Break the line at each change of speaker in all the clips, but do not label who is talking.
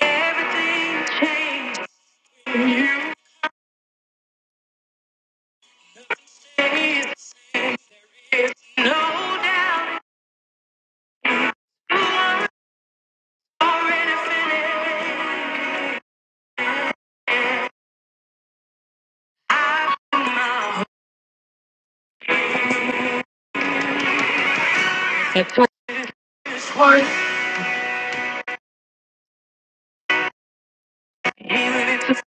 Everything changed. There's no doubt you were already finished. I put my heart to work, even if it's-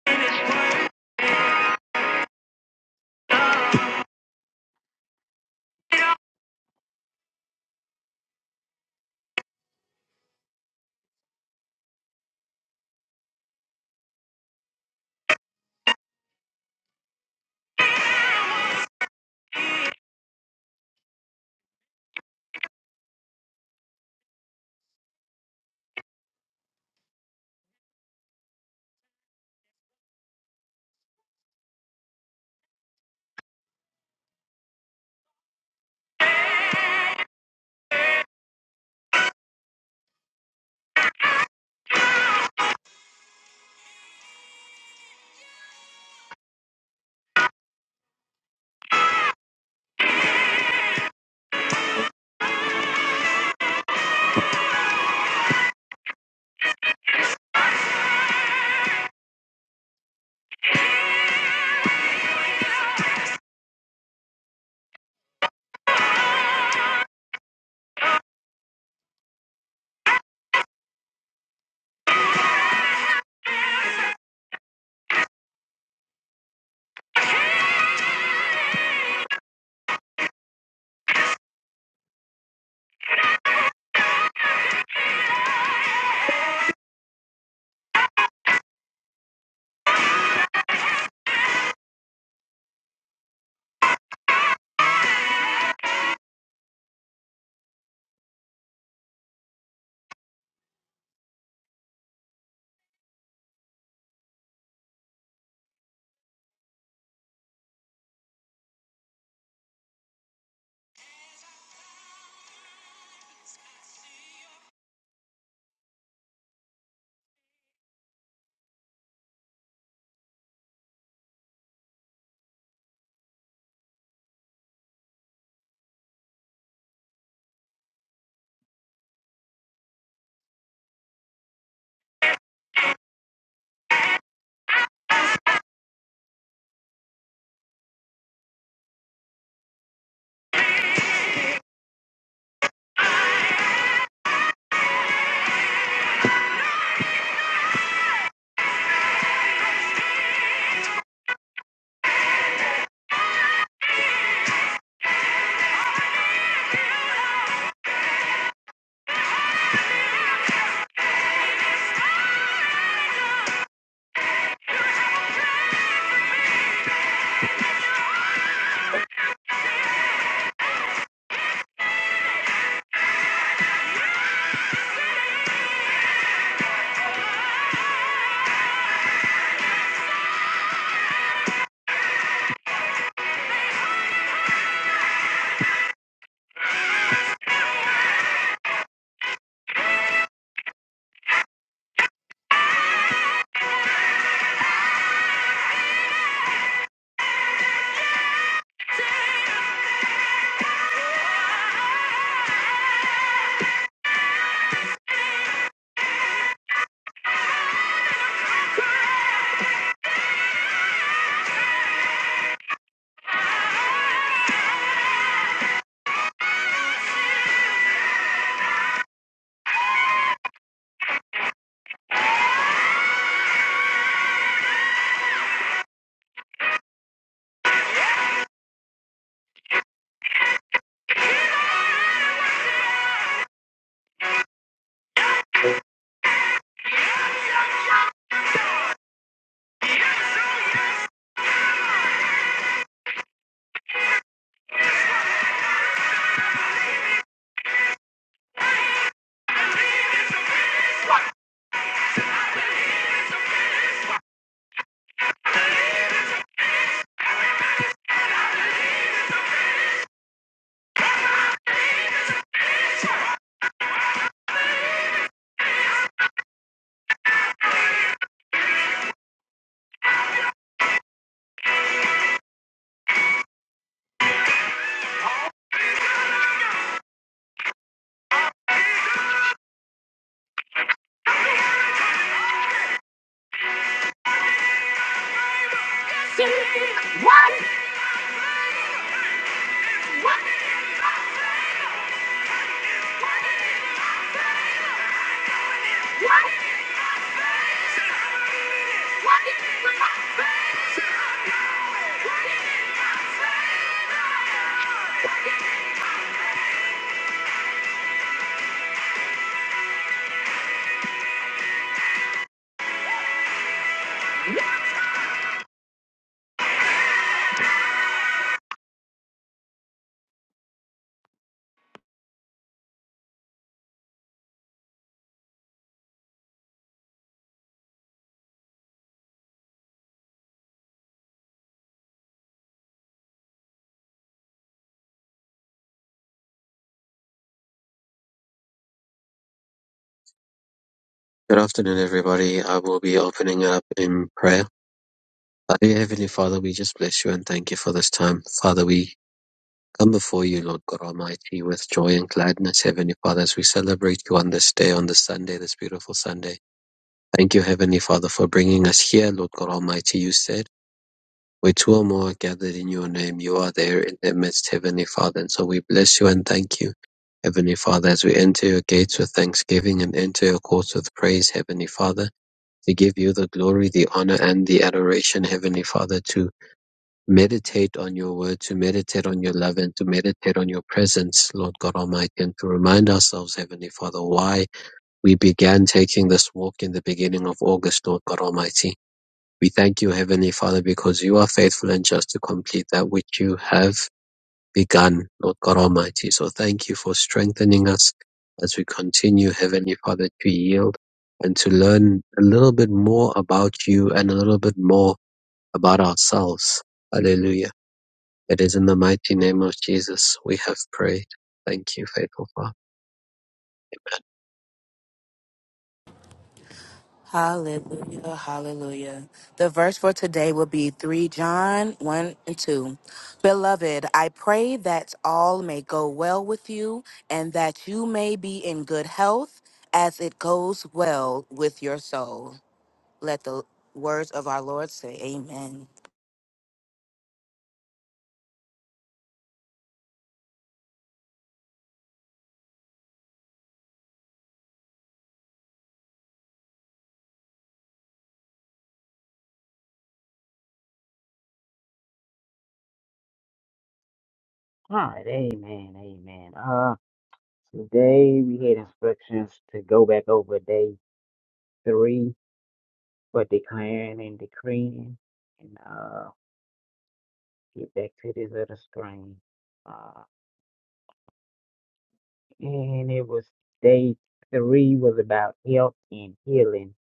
Good afternoon, everybody. I will be opening up in prayer. Our dear Heavenly Father, we just bless you and thank you for this time. Father, we come before you, Lord God Almighty, with joy and gladness, Heavenly Father, as we celebrate you on this day, on this Sunday, this beautiful Sunday. Thank you, Heavenly Father, for bringing us here, Lord God Almighty. You said, where two or more are gathered in your name, you are there in their midst, Heavenly Father. And so we bless you and thank you. Heavenly Father, as we enter your gates with thanksgiving and enter your courts with praise, Heavenly Father, to give you the glory, the honor, and the adoration, Heavenly Father, to meditate on your word, to meditate on your love, and to meditate on your presence, Lord God Almighty, and to remind ourselves, Heavenly Father, why we began taking this walk in the beginning of August, Lord God Almighty. We thank you, Heavenly Father, because you are faithful and just to complete that which you have begun, Lord God Almighty. So thank you for strengthening us as we continue, Heavenly Father, to yield and to learn a little bit more about you and a little bit more about ourselves. Hallelujah. It is in the mighty name of Jesus we have prayed. Thank you, faithful Father.
Hallelujah, hallelujah. The verse for today will be 3 John 1 and 2. Beloved, I pray that all may go well with you and that you may be in good health as it goes well with your soul. Let the words of our Lord say, Amen.
All right, amen, amen. Uh, today we had instructions to go back over day three for declaring and decreeing, and uh, get back to this other screen. Uh, and it was day three was about health and healing.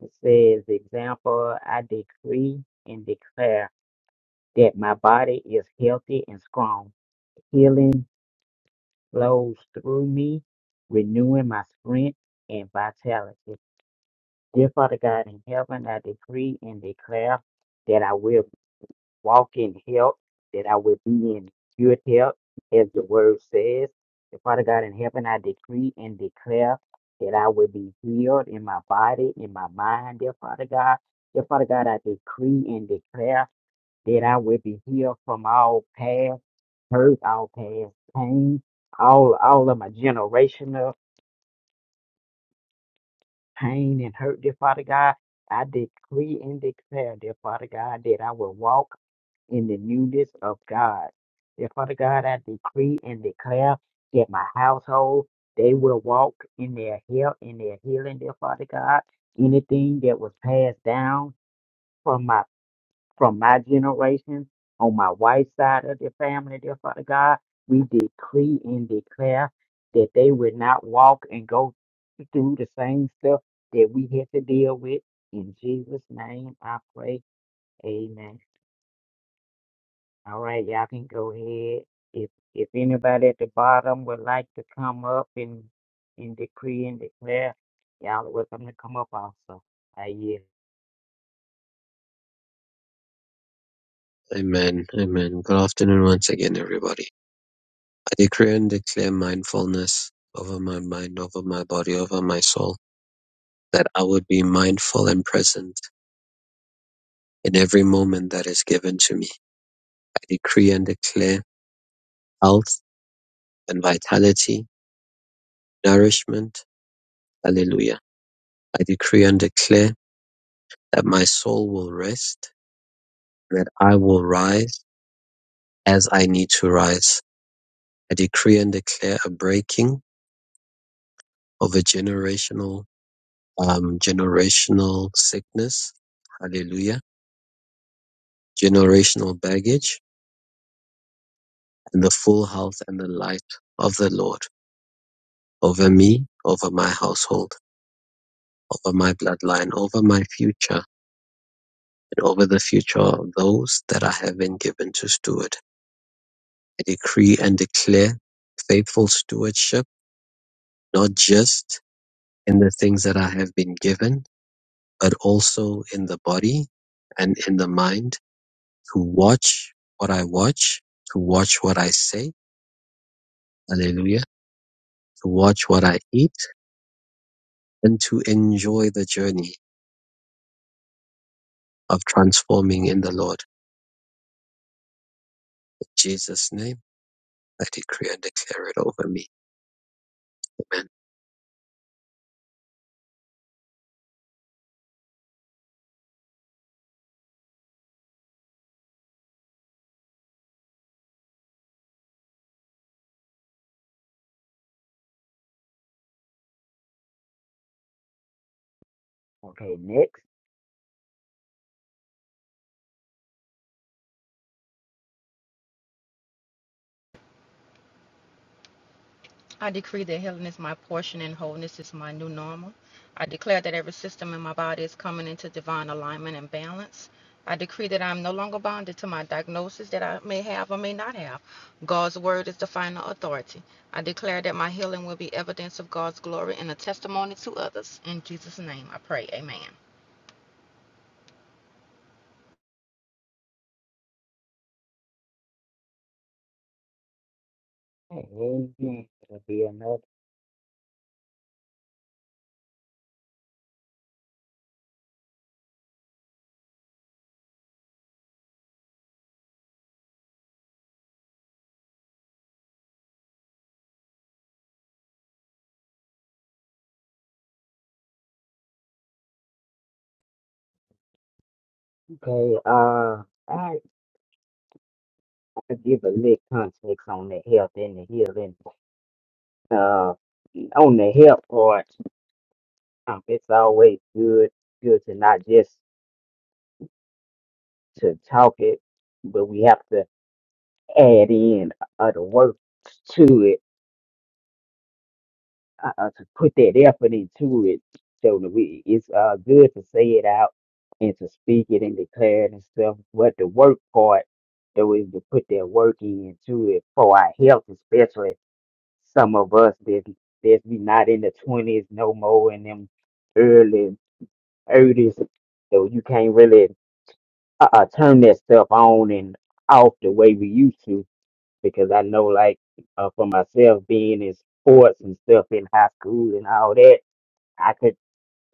It says, example, I decree and declare that my body is healthy and strong. Healing flows through me, renewing my strength and vitality. Dear Father God in heaven, I decree and declare that I will walk in health, that I will be in good health, as the word says. Dear Father God in heaven, I decree and declare that I will be healed in my body, in my mind, dear Father God. Dear Father God, I decree and declare that I will be healed from all past hurt, all past pain, all all of my generational. pain and hurt, dear Father God. I decree and declare, dear Father God, that I will walk in the newness of God. Dear Father God, I decree and declare that my household, they will walk in their health, in their healing, dear Father God. Anything that was passed down from my from my generation on my wife's side of the family, dear Father God, we decree and declare that they would not walk and go through the same stuff that we had to deal with. In Jesus' name, I pray. Amen. All right, y'all can go ahead. If if anybody at the bottom would like to come up and and decree and declare, y'all are welcome to come up also. I yeah.
Amen. Amen. Amen. Good afternoon once again, everybody. I decree and declare mindfulness over my mind, over my body, over my soul, that I would be mindful and present in every moment that is given to me. decree and declare health and vitality, nourishment. Hallelujah. I decree and declare that my soul will rest, that I will rise as I need to rise. I decree and declare a breaking of a generational, um, generational sickness. Hallelujah. Generational baggage and the full health and the light of the Lord over me, over my household, over my bloodline, over my future over the future of those that I have been given to steward. I decree and declare faithful stewardship, not just in the things that I have been given, but also in the body and in the mind to watch what I watch, to watch what I say. Hallelujah. To watch what I eat and to enjoy the journey of transforming in the Lord. In Jesus' name, I decree and declare it over me. Amen.
Okay, next.
I decree that healing is my portion and wholeness is my new normal. I declare that every system in my body is coming into divine alignment and balance. I decree that I am no longer bonded to my diagnosis that I may have or may not have. God's word is the final authority. I declare that my healing will be evidence of God's glory and a testimony to others. In Jesus' name I pray. Amen.
Amen. It'll be another. Okay, uh, I I give a little context on the health and the healing. Uh, on the health part, um, it's always good good to not just to talk it, but we have to add in other work to it, uh, uh, to put that effort into it. So that we, it's uh, good to say it out and to speak it and declare it and stuff. But the work part, though, is to put that work into it for our health, especially some of us that that we not in the twenties no more in them early thirties. So you can't really uh, uh, turn that stuff on and off the way we used to because I know, like, uh, for myself, being in sports and stuff in high school and all that, I could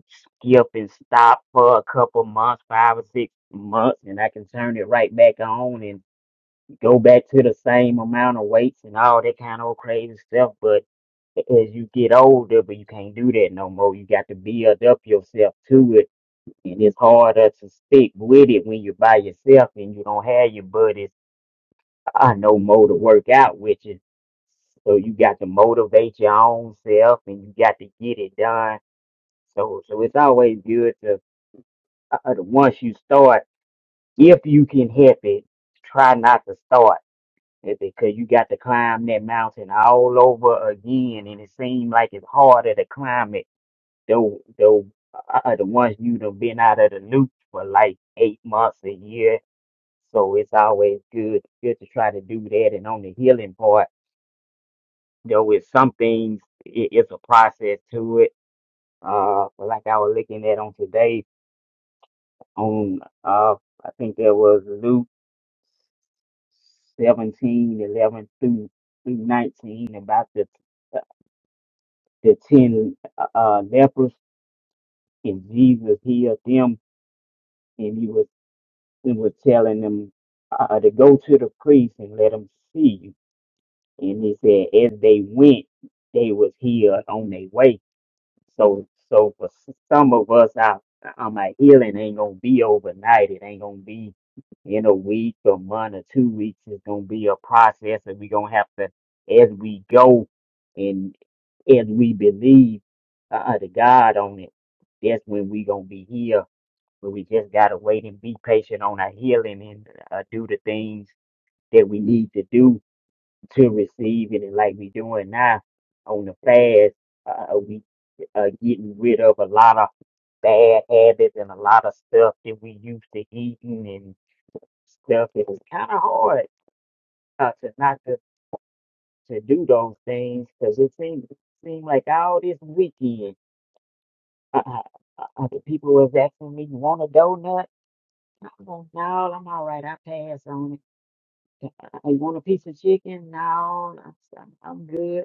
skip and stop for a couple months, five or six months, and I can turn it right back on and go back to the same amount of weights and all that kind of crazy stuff. But as you get older, but you can't do that no more. You got to build up yourself to it, and it's harder to stick with it when you're by yourself and you don't have your buddies I know more to work out, which is so you got to motivate your own self and you got to get it done. So so it's always good to uh, uh, once you start, if you can help it, try not to start It- because you got to climb that mountain all over again, and it seems like it's harder to climb it though though uh, uh, the ones you done been out of the loop for like eight months a year. So it's always good good to try to do that and on the healing part. You know, with some things, it, it's a process to it. Uh, but like I was looking at on today, on uh, I think there was Luke 17 11 through through 19 about the the ten uh, uh, lepers, and Jesus healed them, and he was he was telling them uh, to go to the priest and let them see you. And he said, as they went, they was healed on their way So, so for s- some of us, our, our my healing ain't gonna be overnight. It ain't gonna be in a week, or month, or two weeks. It's gonna be a process, and we gonna have to, as we go, and as we believe uh, to God on it, that's when we gonna be here. But we just gotta wait and be patient on our healing and uh, do the things that we need to do to receive it. And like we doing now on the fast, uh, we uh, getting rid of a lot of bad habits and a lot of stuff that we used to eating and stuff. It was kind of hard uh, to not to, to do those things because it seemed seemed like all this weekend, uh, uh, uh, uh, the people was asking me, "You want a donut?" I'm like, "No, I'm all right. I pass on it." "Uh, uh, You want a piece of chicken? No, I'm, I'm good.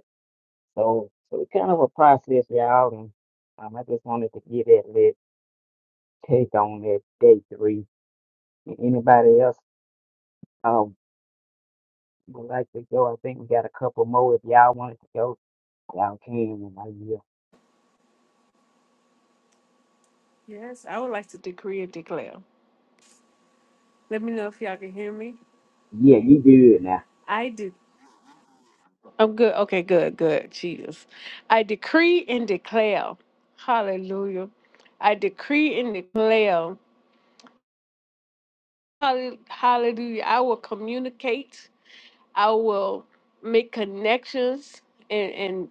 So, so it's kind of a process, y'all. And um, I just wanted to get that lit take on that day three. And anybody else um, would like to go? I think we got a couple more. If y'all wanted to go, y'all can. And I will.
Yes, I would like to decree and declare. Let me know if y'all can hear me.
Yeah, you good now.
I do. I'm good. Okay, good, good. Jesus. I decree and declare. Hallelujah. I decree and declare. Hall- Hallelujah. I will communicate. I will make connections and, and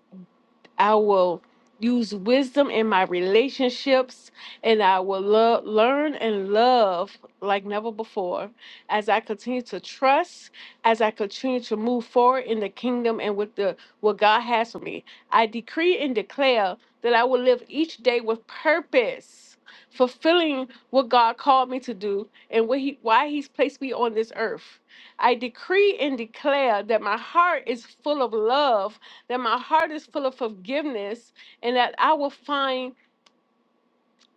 I will use wisdom in my relationships and I will lo- learn and love like never before as I continue to trust, as I continue to move forward in the kingdom and with the what God has for me. I decree and declare that I will live each day with purpose, fulfilling what God called me to do and what he, why he's placed me on this earth. I decree and declare that my heart is full of love that my heart is full of forgiveness and that I will find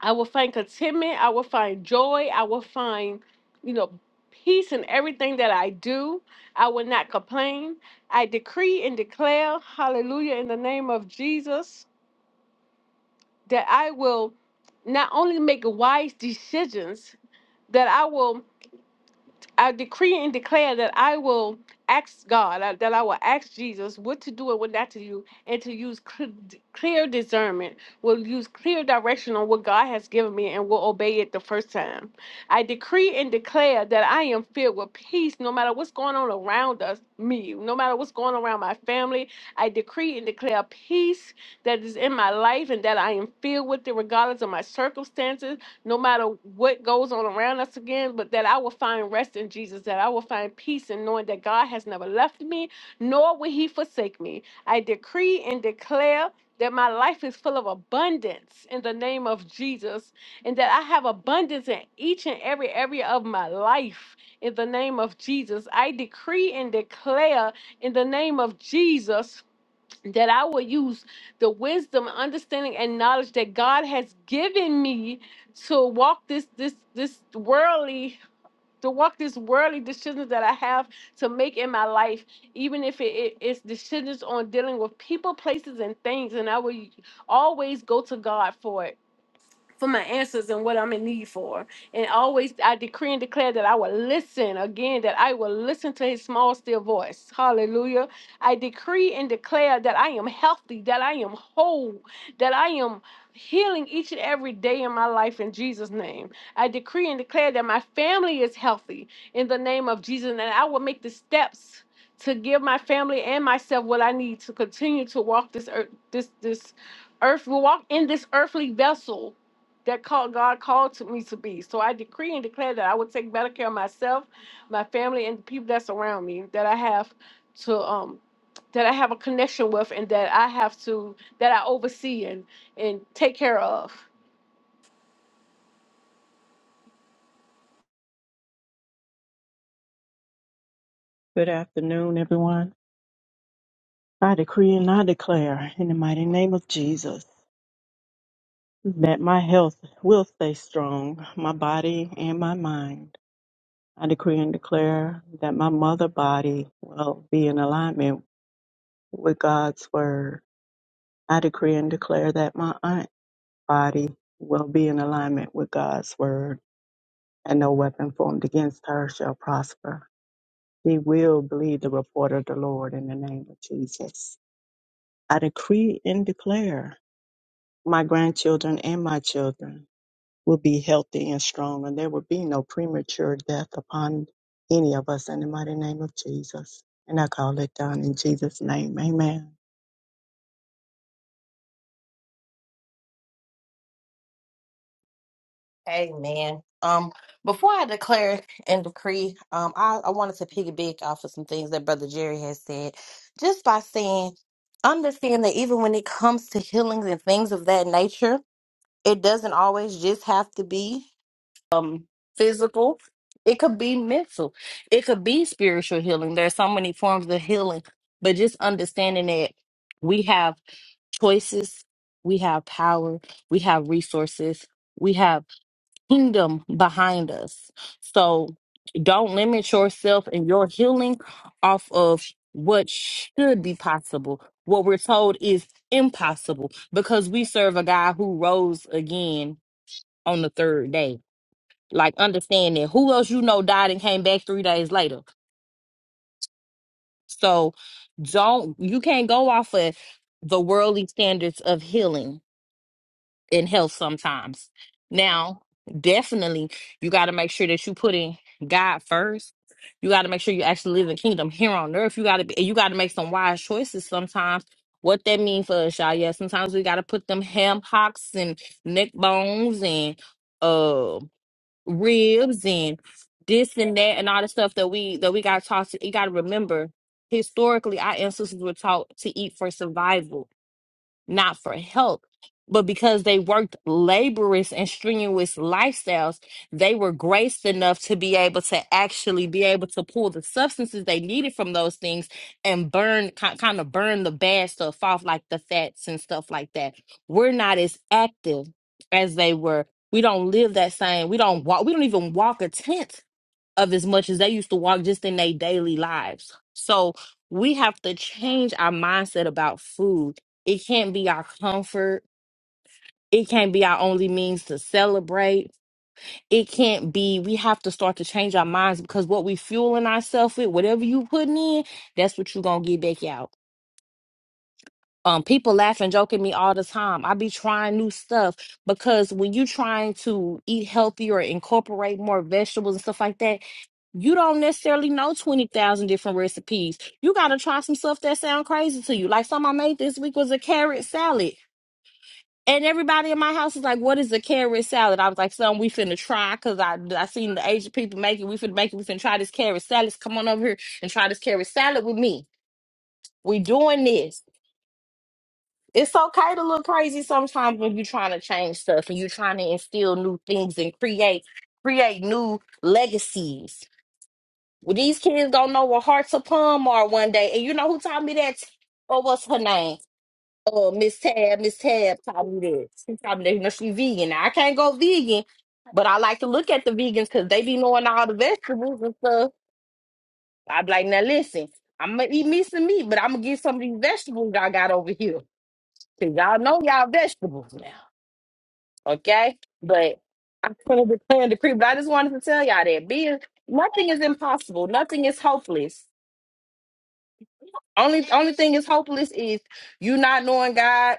I will find contentment, I will find joy, I will find, you know, peace in everything that I do. I will not complain. I decree and declare, hallelujah, in the name of Jesus, that I will not only make wise decisions, that I will I decree and declare that I will ask God, uh, that I will ask Jesus what to do and what not to do, and to use cl- d- clear discernment, will use clear direction on what God has given me and will obey it the first time. I decree and declare that I am filled with peace no matter what's going on around us, me, no matter what's going on around my family. I decree and declare peace that is in my life and that I am filled with it regardless of my circumstances no matter what goes on around us again, but that I will find rest in Jesus, that I will find peace in knowing that God has never left me, nor will He forsake me. I decree and declare that my life is full of abundance in the name of Jesus, and that I have abundance in each and every area of my life in the name of Jesus. I decree and declare in the name of Jesus that I will use the wisdom, understanding, and knowledge that God has given me to walk this this this worldly to walk this worldly decisions that I have to make in my life, even if it it is decisions on dealing with people, places, and things, and I will always go to God for it for my answers and what I'm in need for. And always I decree and declare that I will listen again, that I will listen to his small, still voice. Hallelujah. I decree and declare that I am healthy, that I am whole, that I am healing each and every day in my life in Jesus' name. I decree and declare that my family is healthy in the name of Jesus, and I will make the steps. To give my family and myself what I need to continue to walk this earth, this this earth, walk in this earthly vessel that call, God called to me to be. So I decree and declare that I will take better care of myself, my family, and the people that's around me that I have to um that I have a connection with and that I have to that I oversee and and take care of.
Good afternoon, everyone. I decree and I declare in the mighty name of Jesus that my health will stay strong, my body and my mind. I decree and declare that my mother body will be in alignment with God's word. I decree and declare that my aunt body will be in alignment with God's word, and no weapon formed against her shall prosper. She will believe the report of the Lord in the name of Jesus. I decree and declare my grandchildren and my children will be healthy and strong, and there will be no premature death upon any of us in the mighty name of Jesus. And I call it done in Jesus' name. Amen.
Amen. Um, before I declare and decree, um, I, I wanted to piggyback off of some things that Brother Jerry has said, just by saying, understand that even when it comes to healings and things of that nature, it doesn't always just have to be um physical. It could be mental. It could be spiritual healing. There are so many forms of healing, but just understanding that we have choices, we have power, we have resources, we have kingdom behind us. So don't limit yourself and your healing off of what should be possible, what we're told is impossible, because we serve a God who rose again on the third day. Like, understand that who else you know died and came back three days later. So don't, you can't go off of the worldly standards of healing in health sometimes. Now, definitely, you got to make sure that you put in God first. You got to make sure you actually live in the kingdom here on earth. You got to be. you got to make some wise choices sometimes. What that mean for us, y'all? Yeah, sometimes we got to put them ham hocks and neck bones and uh ribs and this and that and all the stuff that we that we got taught. To, you got to remember, historically, our ancestors were taught to eat for survival not for help, but because they worked laborious and strenuous lifestyles, they were graced enough to be able to actually be able to pull the substances they needed from those things and burn, kind of burn the bad stuff off, like the fats and stuff like that. We're not as active as they were. We don't live that same. We don't walk. We don't even walk a tent of as much as they used to walk just in their daily lives. So we have to change our mindset about food. It can't be our comfort. It can't be our only means to celebrate. It can't be, we have to start to change our minds because what we fueling ourselves with, whatever you putting in, that's what you going to get back out. Um, people laugh and joke at me all the time. I be trying new stuff because when you trying to eat healthy or incorporate more vegetables and stuff like that, You don't necessarily know 20,000 different recipes. You got to try some stuff that sound crazy to you. Like something I made this week was a carrot salad. And everybody in my house is like, what is a carrot salad? I was like, son, we finna try because I, I seen the Asian people make it. We finna make it. We finna try this carrot salad. Come on over here and try this carrot salad with me. We doing this. It's okay to look crazy sometimes when you're trying to change stuff and you're trying to instill new things and create create new legacies Well, these kids don't know what hearts of palm are one day. And you know who taught me that? Or what's her name? Uh, Miss Tab. Miss Tab taught me that. She taught me that. You know, she vegan. Now, I can't go vegan, but I like to look at the vegans because they be knowing all the vegetables and stuff. i be like, now listen, I'm gonna eat me some meat, but I'm gonna get some of these vegetables y'all got over here. Cause y'all know y'all vegetables now, okay? But I'm gonna declare and decree. But I just wanted to tell y'all that being nothing is impossible, nothing is hopeless Only only thing is hopeless is you not knowing God,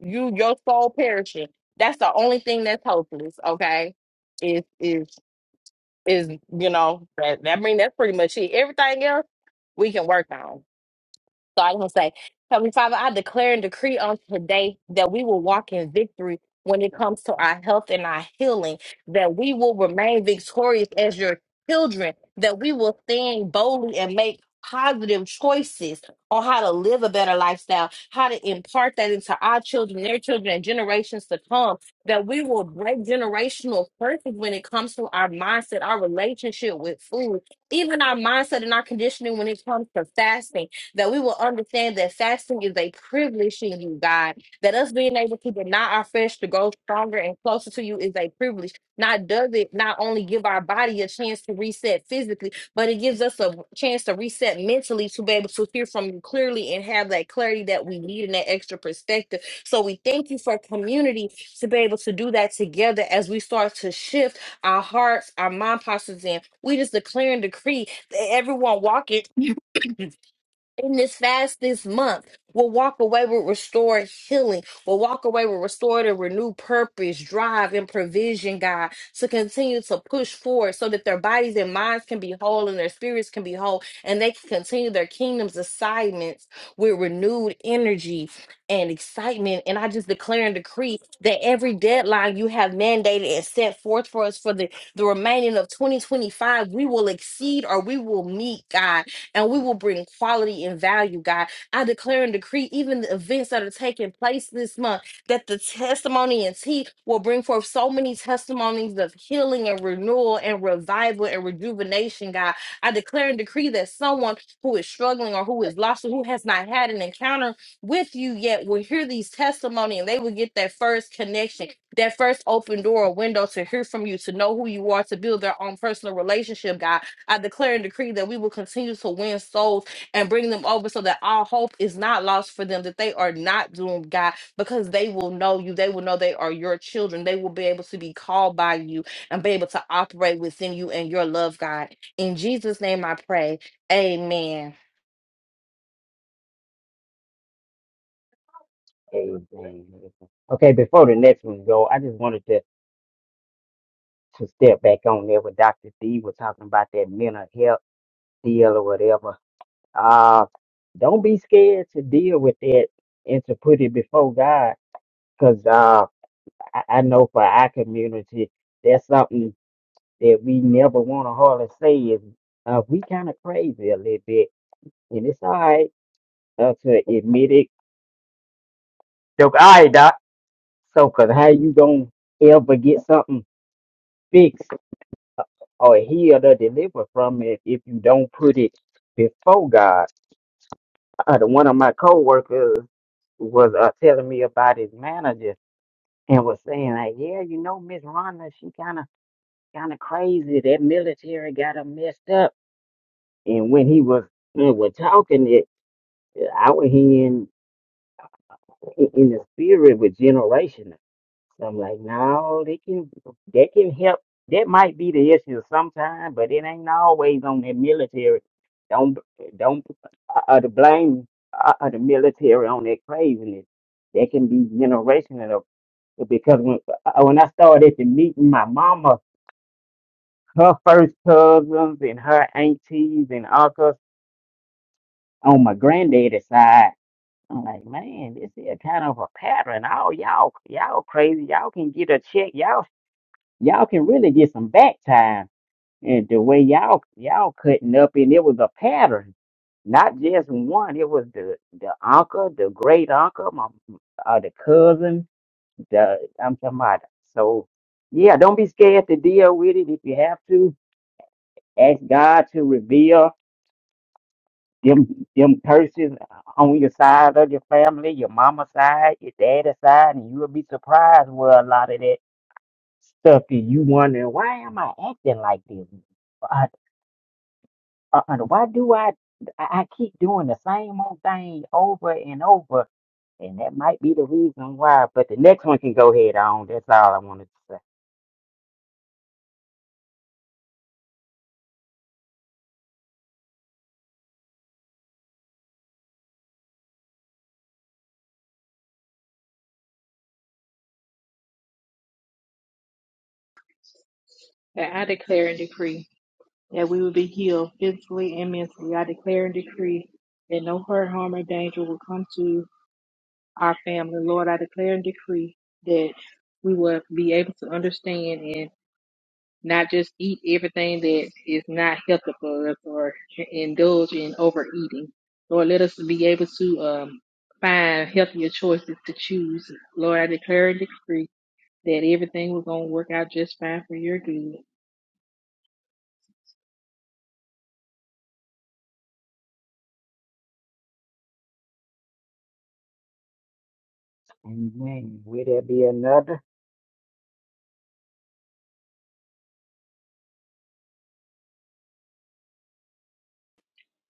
you your soul perishing. That's the only thing that's hopeless, okay? Is is is you know, that that mean that's pretty much it. Everything else we can work on. So I want to say, Heavenly Father, I declare and decree on today that we will walk in victory when it comes to our health and our healing, that we will remain victorious as your children, that we will stand boldly and make positive choices on how to live a better lifestyle, how to impart that into our children, their children, and generations to come, that we will break generational curses when it comes to our mindset, our relationship with food, even our mindset and our conditioning when it comes to fasting that we will understand that fasting is a privilege in you, God. That us being able to deny our flesh to grow stronger and closer to you is a privilege. Not does it not only give our body a chance to reset physically, but it gives us a chance to reset mentally to be able to hear from you clearly and have that clarity that we need and that extra perspective. So we thank you for community to be able to do that together as we start to shift our hearts, our mind postures in. We just declare and decree that everyone walking in this fast this month will walk away with restored healing, will walk away with restored and renewed purpose, drive, and provision, God, to continue to push forward so that their bodies and minds can be whole and their spirits can be whole and they can continue their kingdom's assignments with renewed energy and excitement. And I just declare and decree that every deadline you have mandated and set forth for us for the, the remaining of 2025, we will exceed or we will meet, God and we will bring quality and value, God. I declare and decree even the events that are taking place this month that the testimony and tea will bring forth so many testimonies of healing and renewal and revival and rejuvenation, God. I declare and decree that someone who is struggling or who is lost or who has not had an encounter with you yet will hear these testimony and they will get that first connection, that first open door or window to hear from you, to know who you are, to build their own personal relationship, God. I declare and decree that we will continue to win souls and bring them over so that all hope is not lost for them, that they are not doomed, God, because they will know you. They will know they are your children. They will be able to be called by you and be able to operate within you and your love, God. In Jesus' name I pray. Amen.
Amen. Okay, before the next one go, I just wanted to to step back on there with Dr. D was talking about that mental health deal or whatever. Uh, don't be scared to deal with that and to put it before God. Because I, I know for our community, that's something that we never want to hardly say is uh, we kind of crazy a little bit, and it's all right uh, to admit it. So, all right, doc. So, cause how you gonna ever get something fixed or healed or delivered from it if you don't put it before God? Uh, the one of my coworkers was uh, telling me about his manager and was saying like, yeah, you know, Miss Rhonda, she kind of kind of crazy. That military got her messed up And when he was done with talking, it I was hearing in in the spirit with generation. So I'm like, no, they can they can help. That might be the issue sometime, but it ain't always on that military. Don't don't uh, uh, the blame uh, uh, the military on that craziness. That can be generational because when uh, uh, when I started to meeting my mama, her first cousins and her aunties and uncles on my granddaddy's side. I'm like, man, this is kind of a pattern. All y'all, y'all crazy. Y'all can get a check. Y'all, y'all can really get some back time. And the way y'all, y'all cutting up, and it was a pattern, not just one. It was the the uncle, the great uncle, my uh, the cousin. The I'm talking about. So, yeah, don't be scared to deal with it if you have to. Ask God to reveal. them them curses on your side of your family, your mama side, your daddy side, and you'll be surprised where a lot of that stuff is. You wondering why am I acting like this? Uh, uh, uh, why do I I I keep doing the same old thing over and over? And that might be the reason why. But the next one can go head on. That's all I wanted to say.
that I declare and decree that we will be healed physically and mentally. I declare and decree that no hurt, harm, or danger will come to our family. Lord, I declare and decree that we will be able to understand and not just eat everything that is not healthy for us or indulge in overeating. Lord, let us be able to um, find healthier choices to choose. Lord, I declare and decree that everything was going to work out just fine for your good.
Amen. Will there be another?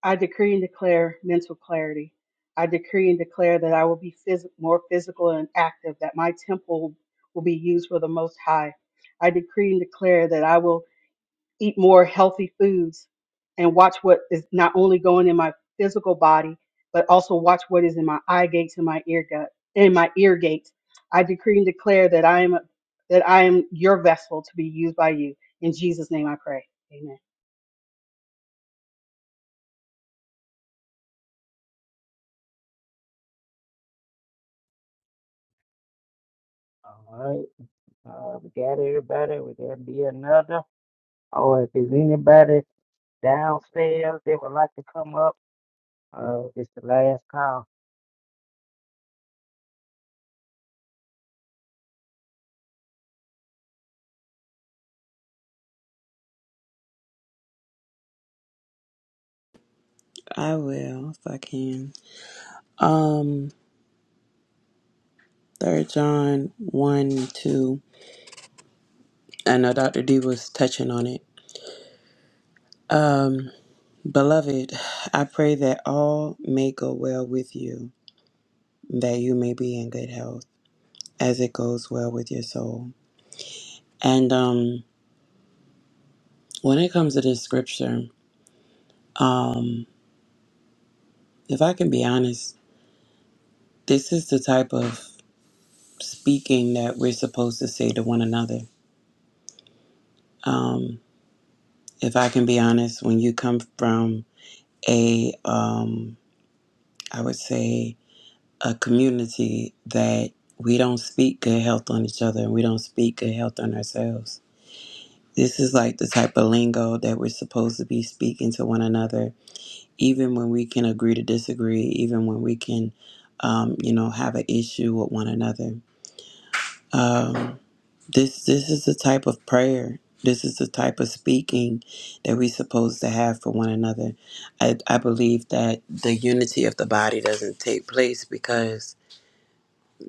I decree and declare mental clarity. I decree and declare that I will be phys- more physical and active, that my temple will be used for the Most High. I decree and declare that I will eat more healthy foods and watch what is not only going in my physical body, but also watch what is in my eye gates and my ear gut in my ear gates. I decree and declare that I am that I am your vessel to be used by you. In Jesus' name I pray. Amen.
All right. Uh, we got everybody. Will there be another? Or if there's anybody downstairs that would like to come up. Uh, it's the last call.
I will if I can. Um, Third John one and two. I know Dr. D was touching on it. Beloved, I pray that all may go well with you, that you may be in good health, as it goes well with your soul. And um, when it comes to this scripture, um, if I can be honest, this is the type of speaking that we're supposed to say to one another. Um, if I can be honest, when you come from a um, I would say, a community that we don't speak good health on each other and we don't speak good health on ourselves. This is like the type of lingo that we're supposed to be speaking to one another, even when we can agree to disagree, even when we can, um, you know, have an issue with one another. Um, this this is the type of prayer. This is the type of speaking that we're supposed to have for one another. I, I believe that the unity of the body doesn't take place because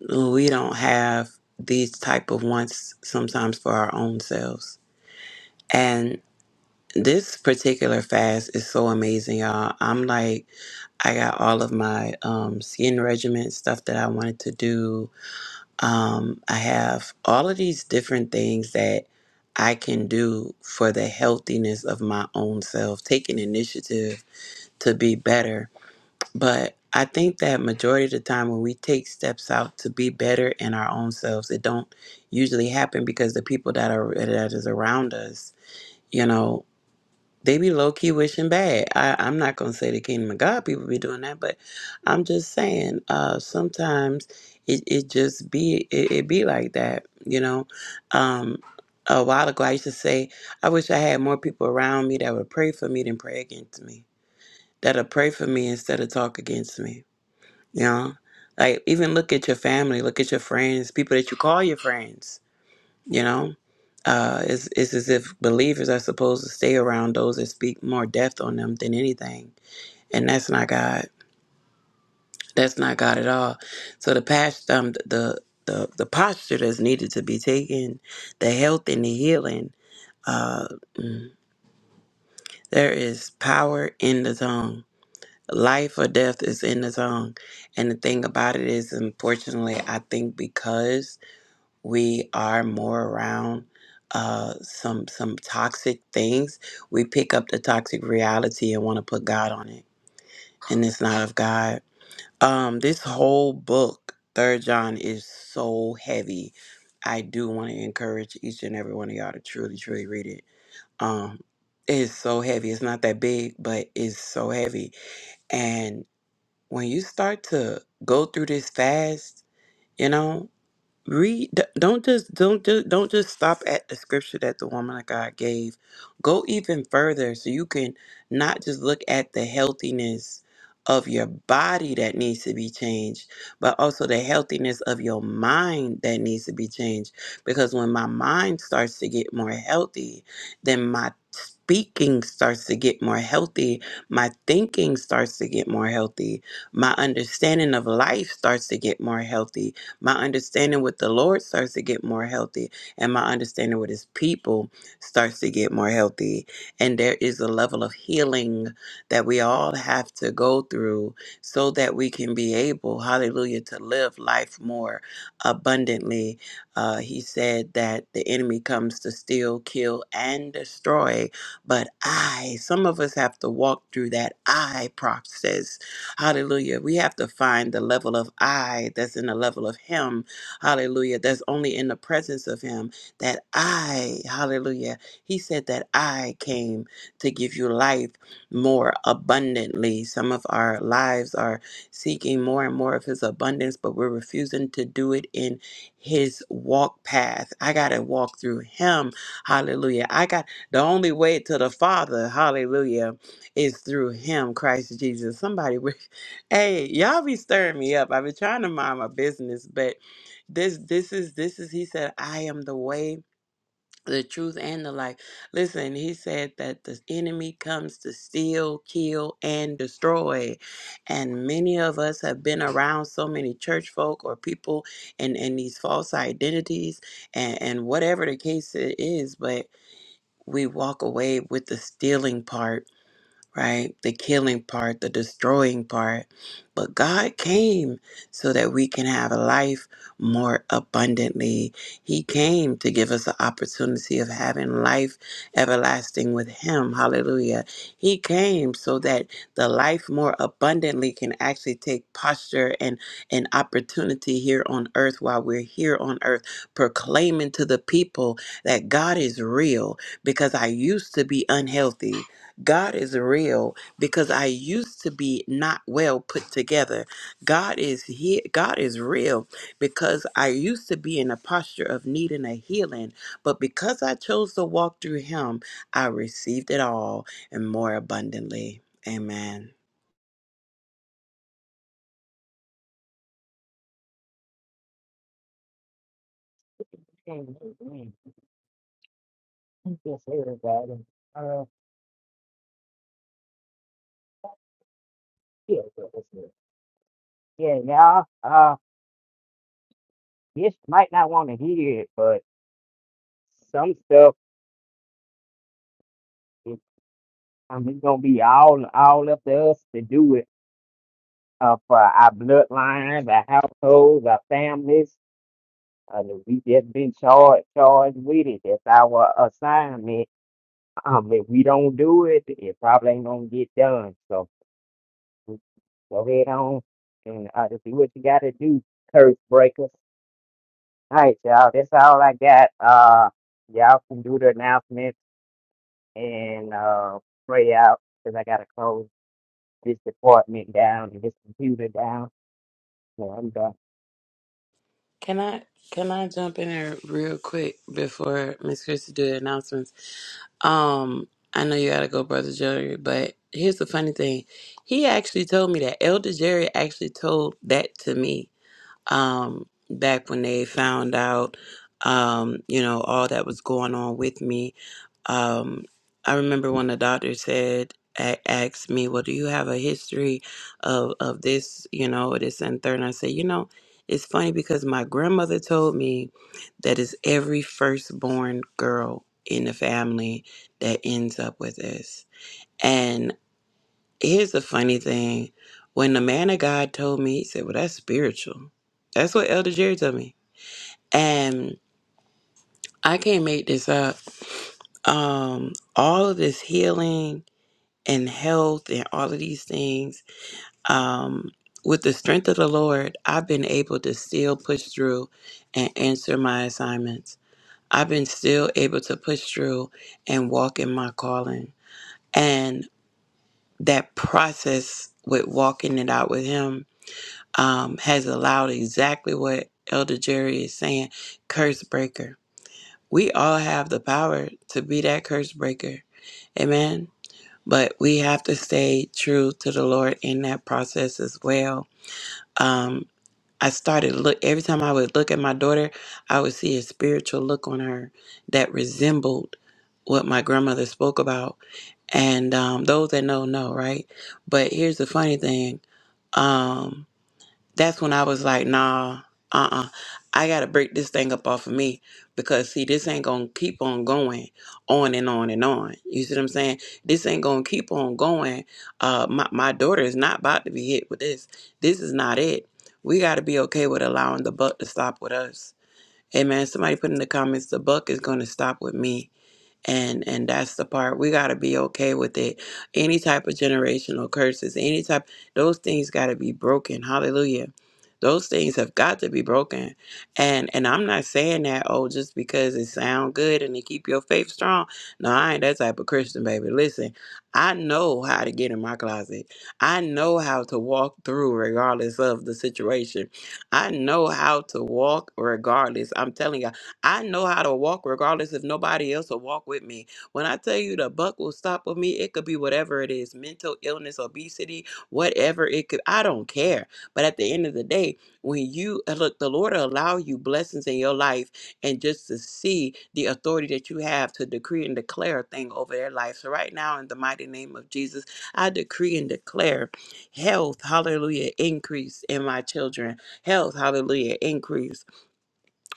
we don't have these type of wants sometimes for our own selves and this particular fast is so amazing y'all i'm like i got all of my um, skin regimen stuff that i wanted to do um, i have all of these different things that i can do for the healthiness of my own self taking initiative to be better but I think that majority of the time when we take steps out to be better in our own selves, it don't usually happen because the people that are that is around us, you know, they be low key wishing bad. I, I'm not gonna say the kingdom of God people be doing that, but I'm just saying, uh, sometimes it, it just be it, it be like that, you know. Um, a while ago, I used to say, I wish I had more people around me that would pray for me than pray against me, that'll pray for me instead of talk against me you know, like even look at your family, look at your friends, people that you call your friends. You know, uh, it's it's as if believers are supposed to stay around those that speak more death on them than anything, and that's not God. That's not God at all. So the past, um, the the the posture that's needed to be taken, the health and the healing. Uh, mm, there is power in the tongue. Life or death is in the tongue. And the thing about it is, unfortunately, I think because we are more around uh, some some toxic things, we pick up the toxic reality and want to put God on it, and it's not of God. Um, this whole book, Third John, is so heavy. I do want to encourage each and every one of y'all to truly, truly read it. Um, it's so heavy. It's not that big, but it's so heavy. And when you start to go through this fast, you know read d- don't just don't just don't just stop at the scripture that the woman of god gave go even further so you can not just look at the healthiness of your body that needs to be changed but also the healthiness of your mind that needs to be changed because when my mind starts to get more healthy then my speaking starts to get more healthy my thinking starts to get more healthy my understanding of life starts to get more healthy my understanding with the Lord starts to get more healthy, and my understanding with His people starts to get more healthy. And there is a level of healing that we all have to go through so that we can be able, hallelujah, to live life more abundantly. Uh, he said that the enemy comes to steal, kill, and destroy. But I, some of us have to walk through that I process Hallelujah. We have to find the level of I that's in the level of Him. Hallelujah. That's only in the presence of Him. That I, hallelujah. He said that I came to give you life more abundantly. Some of our lives are seeking more and more of His abundance, but we're refusing to do it in His walk path. I got to walk through Him. Hallelujah. I got the only way to the Father. Hallelujah is through him, Christ Jesus. Somebody, Hey, y'all be stirring me up. I've been trying to mind my business, but this this is this is he said, I am the way, the truth, and the life. Listen, he said that the enemy comes to steal, kill, and destroy. And many of us have been around so many church folk or people and, and these false identities and, and whatever the case it is, but we walk away with the stealing part right? The killing part, the destroying part. But God came so that we can have a life more abundantly. He came to give us the opportunity of having life everlasting with Him. Hallelujah. He came so that the life more abundantly can actually take posture and an opportunity here on earth while we're here on earth, proclaiming to the people that God is real because I used to be unhealthy. God is real because I used to be not well put together. God is here. God is real because I used to be in a posture of needing a healing, but because I chose to walk through Him, I received it all and more abundantly. Amen.
And Yes, everybody. Uh, yeah, yeah, y'all. Uh, this might not want to hear it, but some stuff. is- I mean, it's gonna be all all up to us to do it. Uh, for our bloodlines, our households, our families. Uh, that we just been charged charged with it. That's our assignment. Um, if we don't do it, it probably ain't gonna get done. So. Go head on and uh, do what you got to do, curse breakers. All right, y'all. That's all I got. Uh, y'all can do the announcements and uh, pray out because I got to close this department down and this computer down. So I'm done.
Can I can I jump in there real quick before Miss Christie do the announcements? Um, I know you gotta go, Brother Jerry, but here's the funny thing. He actually told me that. Elder Jerry actually told that to me um, back when they found out, um, you know, all that was going on with me. Um, I remember when the doctor said, a- asked me, well, do you have a history of, of this, you know, this and third? And I said, you know, it's funny because my grandmother told me that it's every firstborn girl in the family that ends up with this. Here's the funny thing. When the man of God told me, he said, Well, that's spiritual. That's what Elder Jerry told me. And I can't make this up. Um, all of this healing and health and all of these things, um, with the strength of the Lord, I've been able to still push through and answer my assignments. I've been still able to push through and walk in my calling. And that process with walking it out with Him um, has allowed exactly what Elder Jerry is saying curse breaker. We all have the power to be that curse breaker. Amen. But we have to stay true to the Lord in that process as well. Um, I started look every time I would look at my daughter, I would see a spiritual look on her that resembled what my grandmother spoke about. And um, those that know know, right? But here's the funny thing: um, that's when I was like, nah, uh uh I gotta break this thing up off of me because see, this ain't gonna keep on going on and on and on. You see what I'm saying? This ain't gonna keep on going. Uh, my, my daughter is not about to be hit with this. This is not it. We gotta be okay with allowing the buck to stop with us. Amen. Somebody put in the comments, the buck is gonna stop with me and and that's the part we got to be okay with it any type of generational curses any type those things got to be broken hallelujah those things have got to be broken and and i'm not saying that oh just because it sound good and it keep your faith strong no i ain't that type of christian baby listen i know how to get in my closet i know how to walk through regardless of the situation i know how to walk regardless i'm telling you I know how to walk regardless if nobody else will walk with me. When I tell you the buck will stop with me, it could be whatever it is mental illness, obesity, whatever it could. I don't care. But at the end of the day, when you uh, look, the Lord will allow you blessings in your life and just to see the authority that you have to decree and declare a thing over their life. So, right now, in the mighty name of Jesus, I decree and declare health, hallelujah, increase in my children, health, hallelujah, increase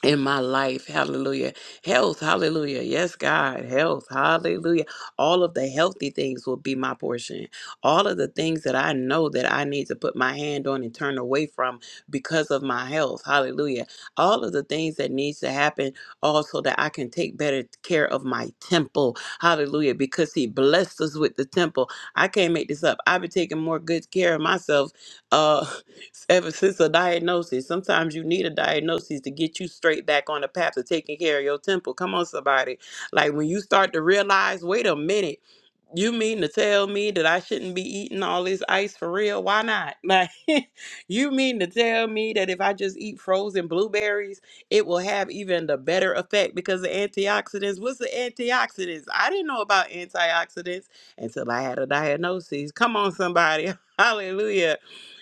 in my life. Hallelujah. Health. Hallelujah. Yes, God. Health. Hallelujah. All of the healthy things will be my portion. All of the things that I know that I need to put my hand on and turn away from because of my health. Hallelujah. All of the things that needs to happen also that I can take better care of my temple. Hallelujah. Because he blessed us with the temple. I can't make this up. I've been taking more good care of myself. Uh ever since a diagnosis. Sometimes you need a diagnosis to get you straight back on the path to taking care of your temple. Come on, somebody. Like when you start to realize, wait a minute you mean to tell me that I shouldn't be eating all this ice for real? Why not? Like, you mean to tell me that if I just eat frozen blueberries, it will have even the better effect because the antioxidants? What's the antioxidants? I didn't know about antioxidants until I had a diagnosis. Come on, somebody. Hallelujah.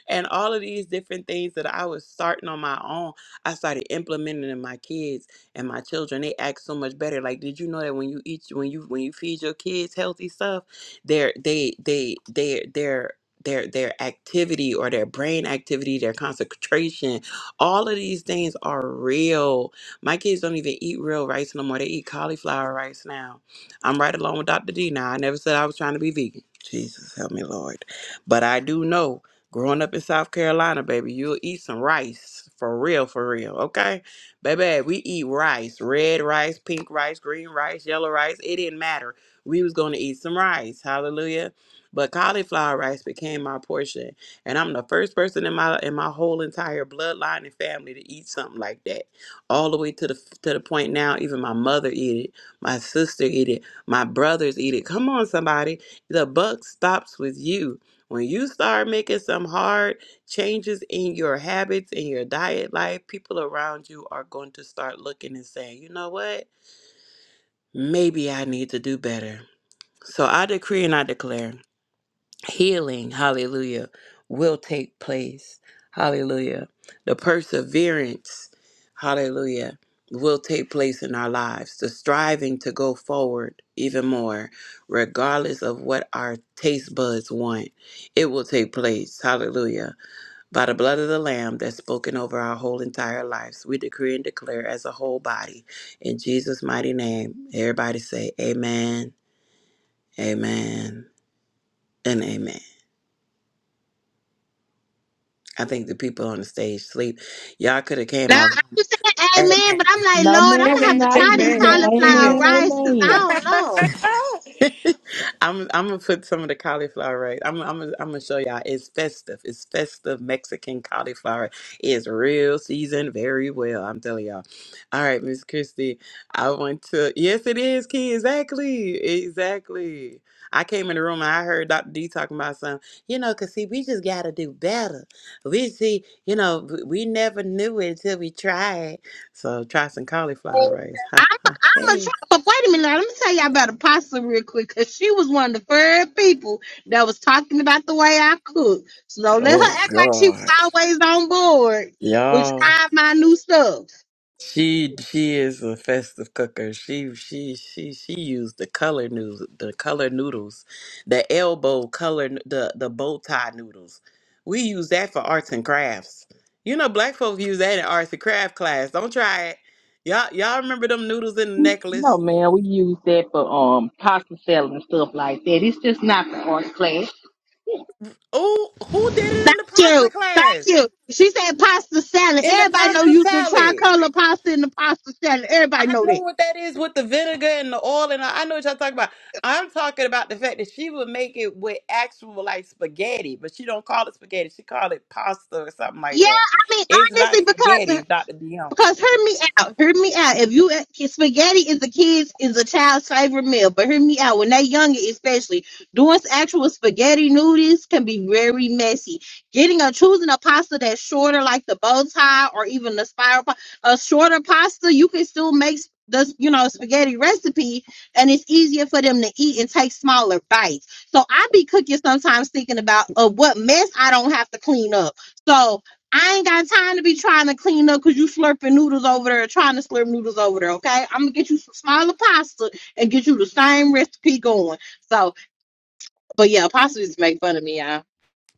And all of these different things that I was starting on my own, I started implementing in my kids and my children they act so much better like did you know that when you eat when you when you feed your kids healthy stuff their they they their their their their activity or their brain activity their concentration all of these things are real my kids don't even eat real rice no more they eat cauliflower rice now i'm right along with dr d now i never said i was trying to be vegan jesus help me lord but i do know growing up in south carolina baby you'll eat some rice for real for real okay Baby, we eat rice, red rice, pink rice, green rice, yellow rice. It didn't matter. We was gonna eat some rice. Hallelujah. But cauliflower rice became my portion. And I'm the first person in my in my whole entire bloodline and family to eat something like that. All the way to the to the point now, even my mother eat it, my sister eat it, my brothers eat it. Come on, somebody. The buck stops with you. When you start making some hard changes in your habits in your diet life, people around you are going to start looking and saying, you know what? Maybe I need to do better. So I decree and I declare healing, hallelujah, will take place. Hallelujah. The perseverance, hallelujah, will take place in our lives. The striving to go forward even more, regardless of what our taste buds want, it will take place. Hallelujah by the blood of the Lamb that's spoken over our whole entire lives, we decree and declare as a whole body in Jesus' mighty name. Everybody say, Amen, Amen, and Amen. I think the people on the stage sleep. Y'all could have came
Now,
off.
I was saying
Amen.
amen, but I'm like,
No,
Lord, I'm
man,
going to
we
have to
not
try this
sleep, but
cauliflower
amen,
rice because
amen.
I don't
I'm I'm gonna put some of the cauliflower rice. I'm I'm gonna, I'm gonna show y'all. It's festive. It's festive Mexican cauliflower. It's real seasoned very well. I'm telling y'all. All right, Miss Christie. I want to. Yes, it is, Key. Exactly. Exactly. I came in the room and I heard Dr. D talking about some. You know, cause see, we just gotta do better. We see, you know, w- we never knew it until we tried. So try some cauliflower
know.
rice. Ha ha.
I'm gonna try,
Hey.
but wait a minute. Now, let me tell y'all about Apostle real quick, cause she was one of the first people that was talking about the way I cook. So don't let
Oh
her act like she was
God,
always on board with
y'all.
trying my new stuff.
She she is a festive cooker. She she she she used the color noodles, the color noodles, the elbow color, n- the the bow tie noodles. We use that for arts and crafts. You know, black folks use that in arts and craft class. Don't try it. Y'all y'all remember them noodles in the
No,
necklace?
man, we use that for um pasta salad and stuff like that. It's just not the art class.
Oh, who did it
Thank
in the pasta
you, thank
class?
you. She said pasta salad.
In the
Everybody know
pasta
you the
salad?
tricolor pasta and the pasta salad. Everybody
I
know
know
that.
what that is with the vinegar and the oil, and I I know what y'all talking about. I'm talking about the fact that she would make it with actual like spaghetti, but she don't call it spaghetti. She call it pasta or something like
Yeah,
that.
I mean
It's not
honestly, because
spaghetti, Dr. Dion.
Because hear me out, hear me out. If you spaghetti is a kid's is a child's favorite meal, but hear me out. When they younger, especially doing actual spaghetti noodles can be very messy. Getting or choosing a pasta that's shorter, like the bow tie or even the spiral, pa- a shorter pasta, you can still make s- the you know spaghetti recipe, and it's easier for them to eat and take smaller bites. So I be cooking sometimes thinking about uh, what mess I don't have to clean up. So I ain't got time to be trying to clean up because you slurping noodles over there, trying to slurp noodles over there. Okay, I'm gonna get you some smaller pasta and get you the same recipe going. So, but yeah, pasta just make fun of me, y'all.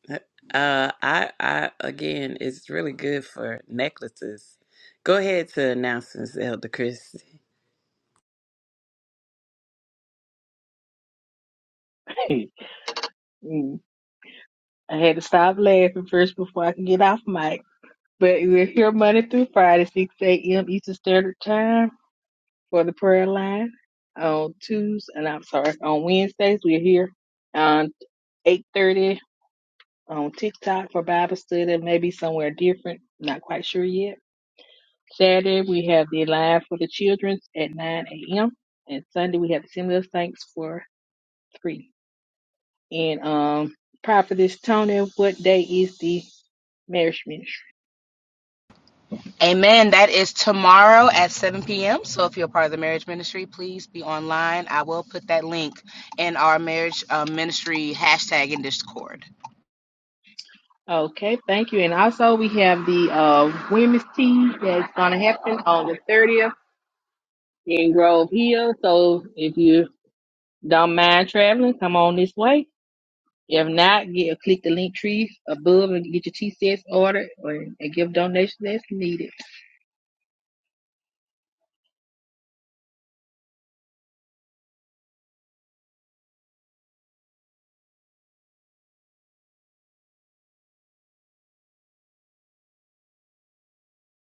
Uh, I, I again, it's really good for necklaces. Go ahead to announcements, Elder Chris.
Mm. I had to stop laughing first before I can get off mic. But we're here Monday through Friday, 6 a.m. Eastern Standard Time for the prayer line. On Tuesdays, and I'm sorry, on Wednesdays, we're here on 8:30. on TikTok for Bible study, maybe somewhere different. Not quite sure yet. Saturday we have the live for the children at 9 a.m. and Sunday we have the Assembly of Thanks for three. And um, Prophetess Tony, what day is the marriage ministry?
Amen. That is tomorrow at 7 p.m. So if you're part of the marriage ministry, please be online. I will put that link in our marriage uh, ministry hashtag in Discord.
Okay, thank you. And also we have the uh, women's tea that's gonna happen on the 30th in Grove Hill. So if you don't mind traveling, come on this way If not, get click the link tree above and get your TCS ordered or and give donations that's needed.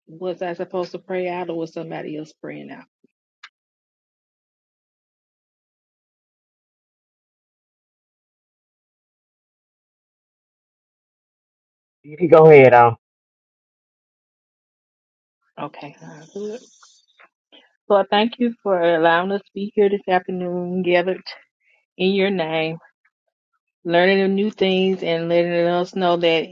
Was I supposed to pray out or was somebody else praying out?
You can go ahead on.
Okay, I'll do it. Lord, thank you for allowing us to be here this afternoon, gathered in your name, learning the new things and letting us know that.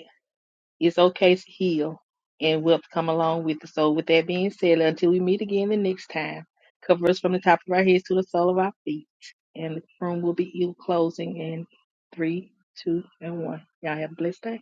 It's okay to heal and wealth come along with it. So with that being said, until we meet again the next time, cover us from the top of our heads to the sole of our feet. And the room will be you closing in three, two, and one. Y'all have a blessed day.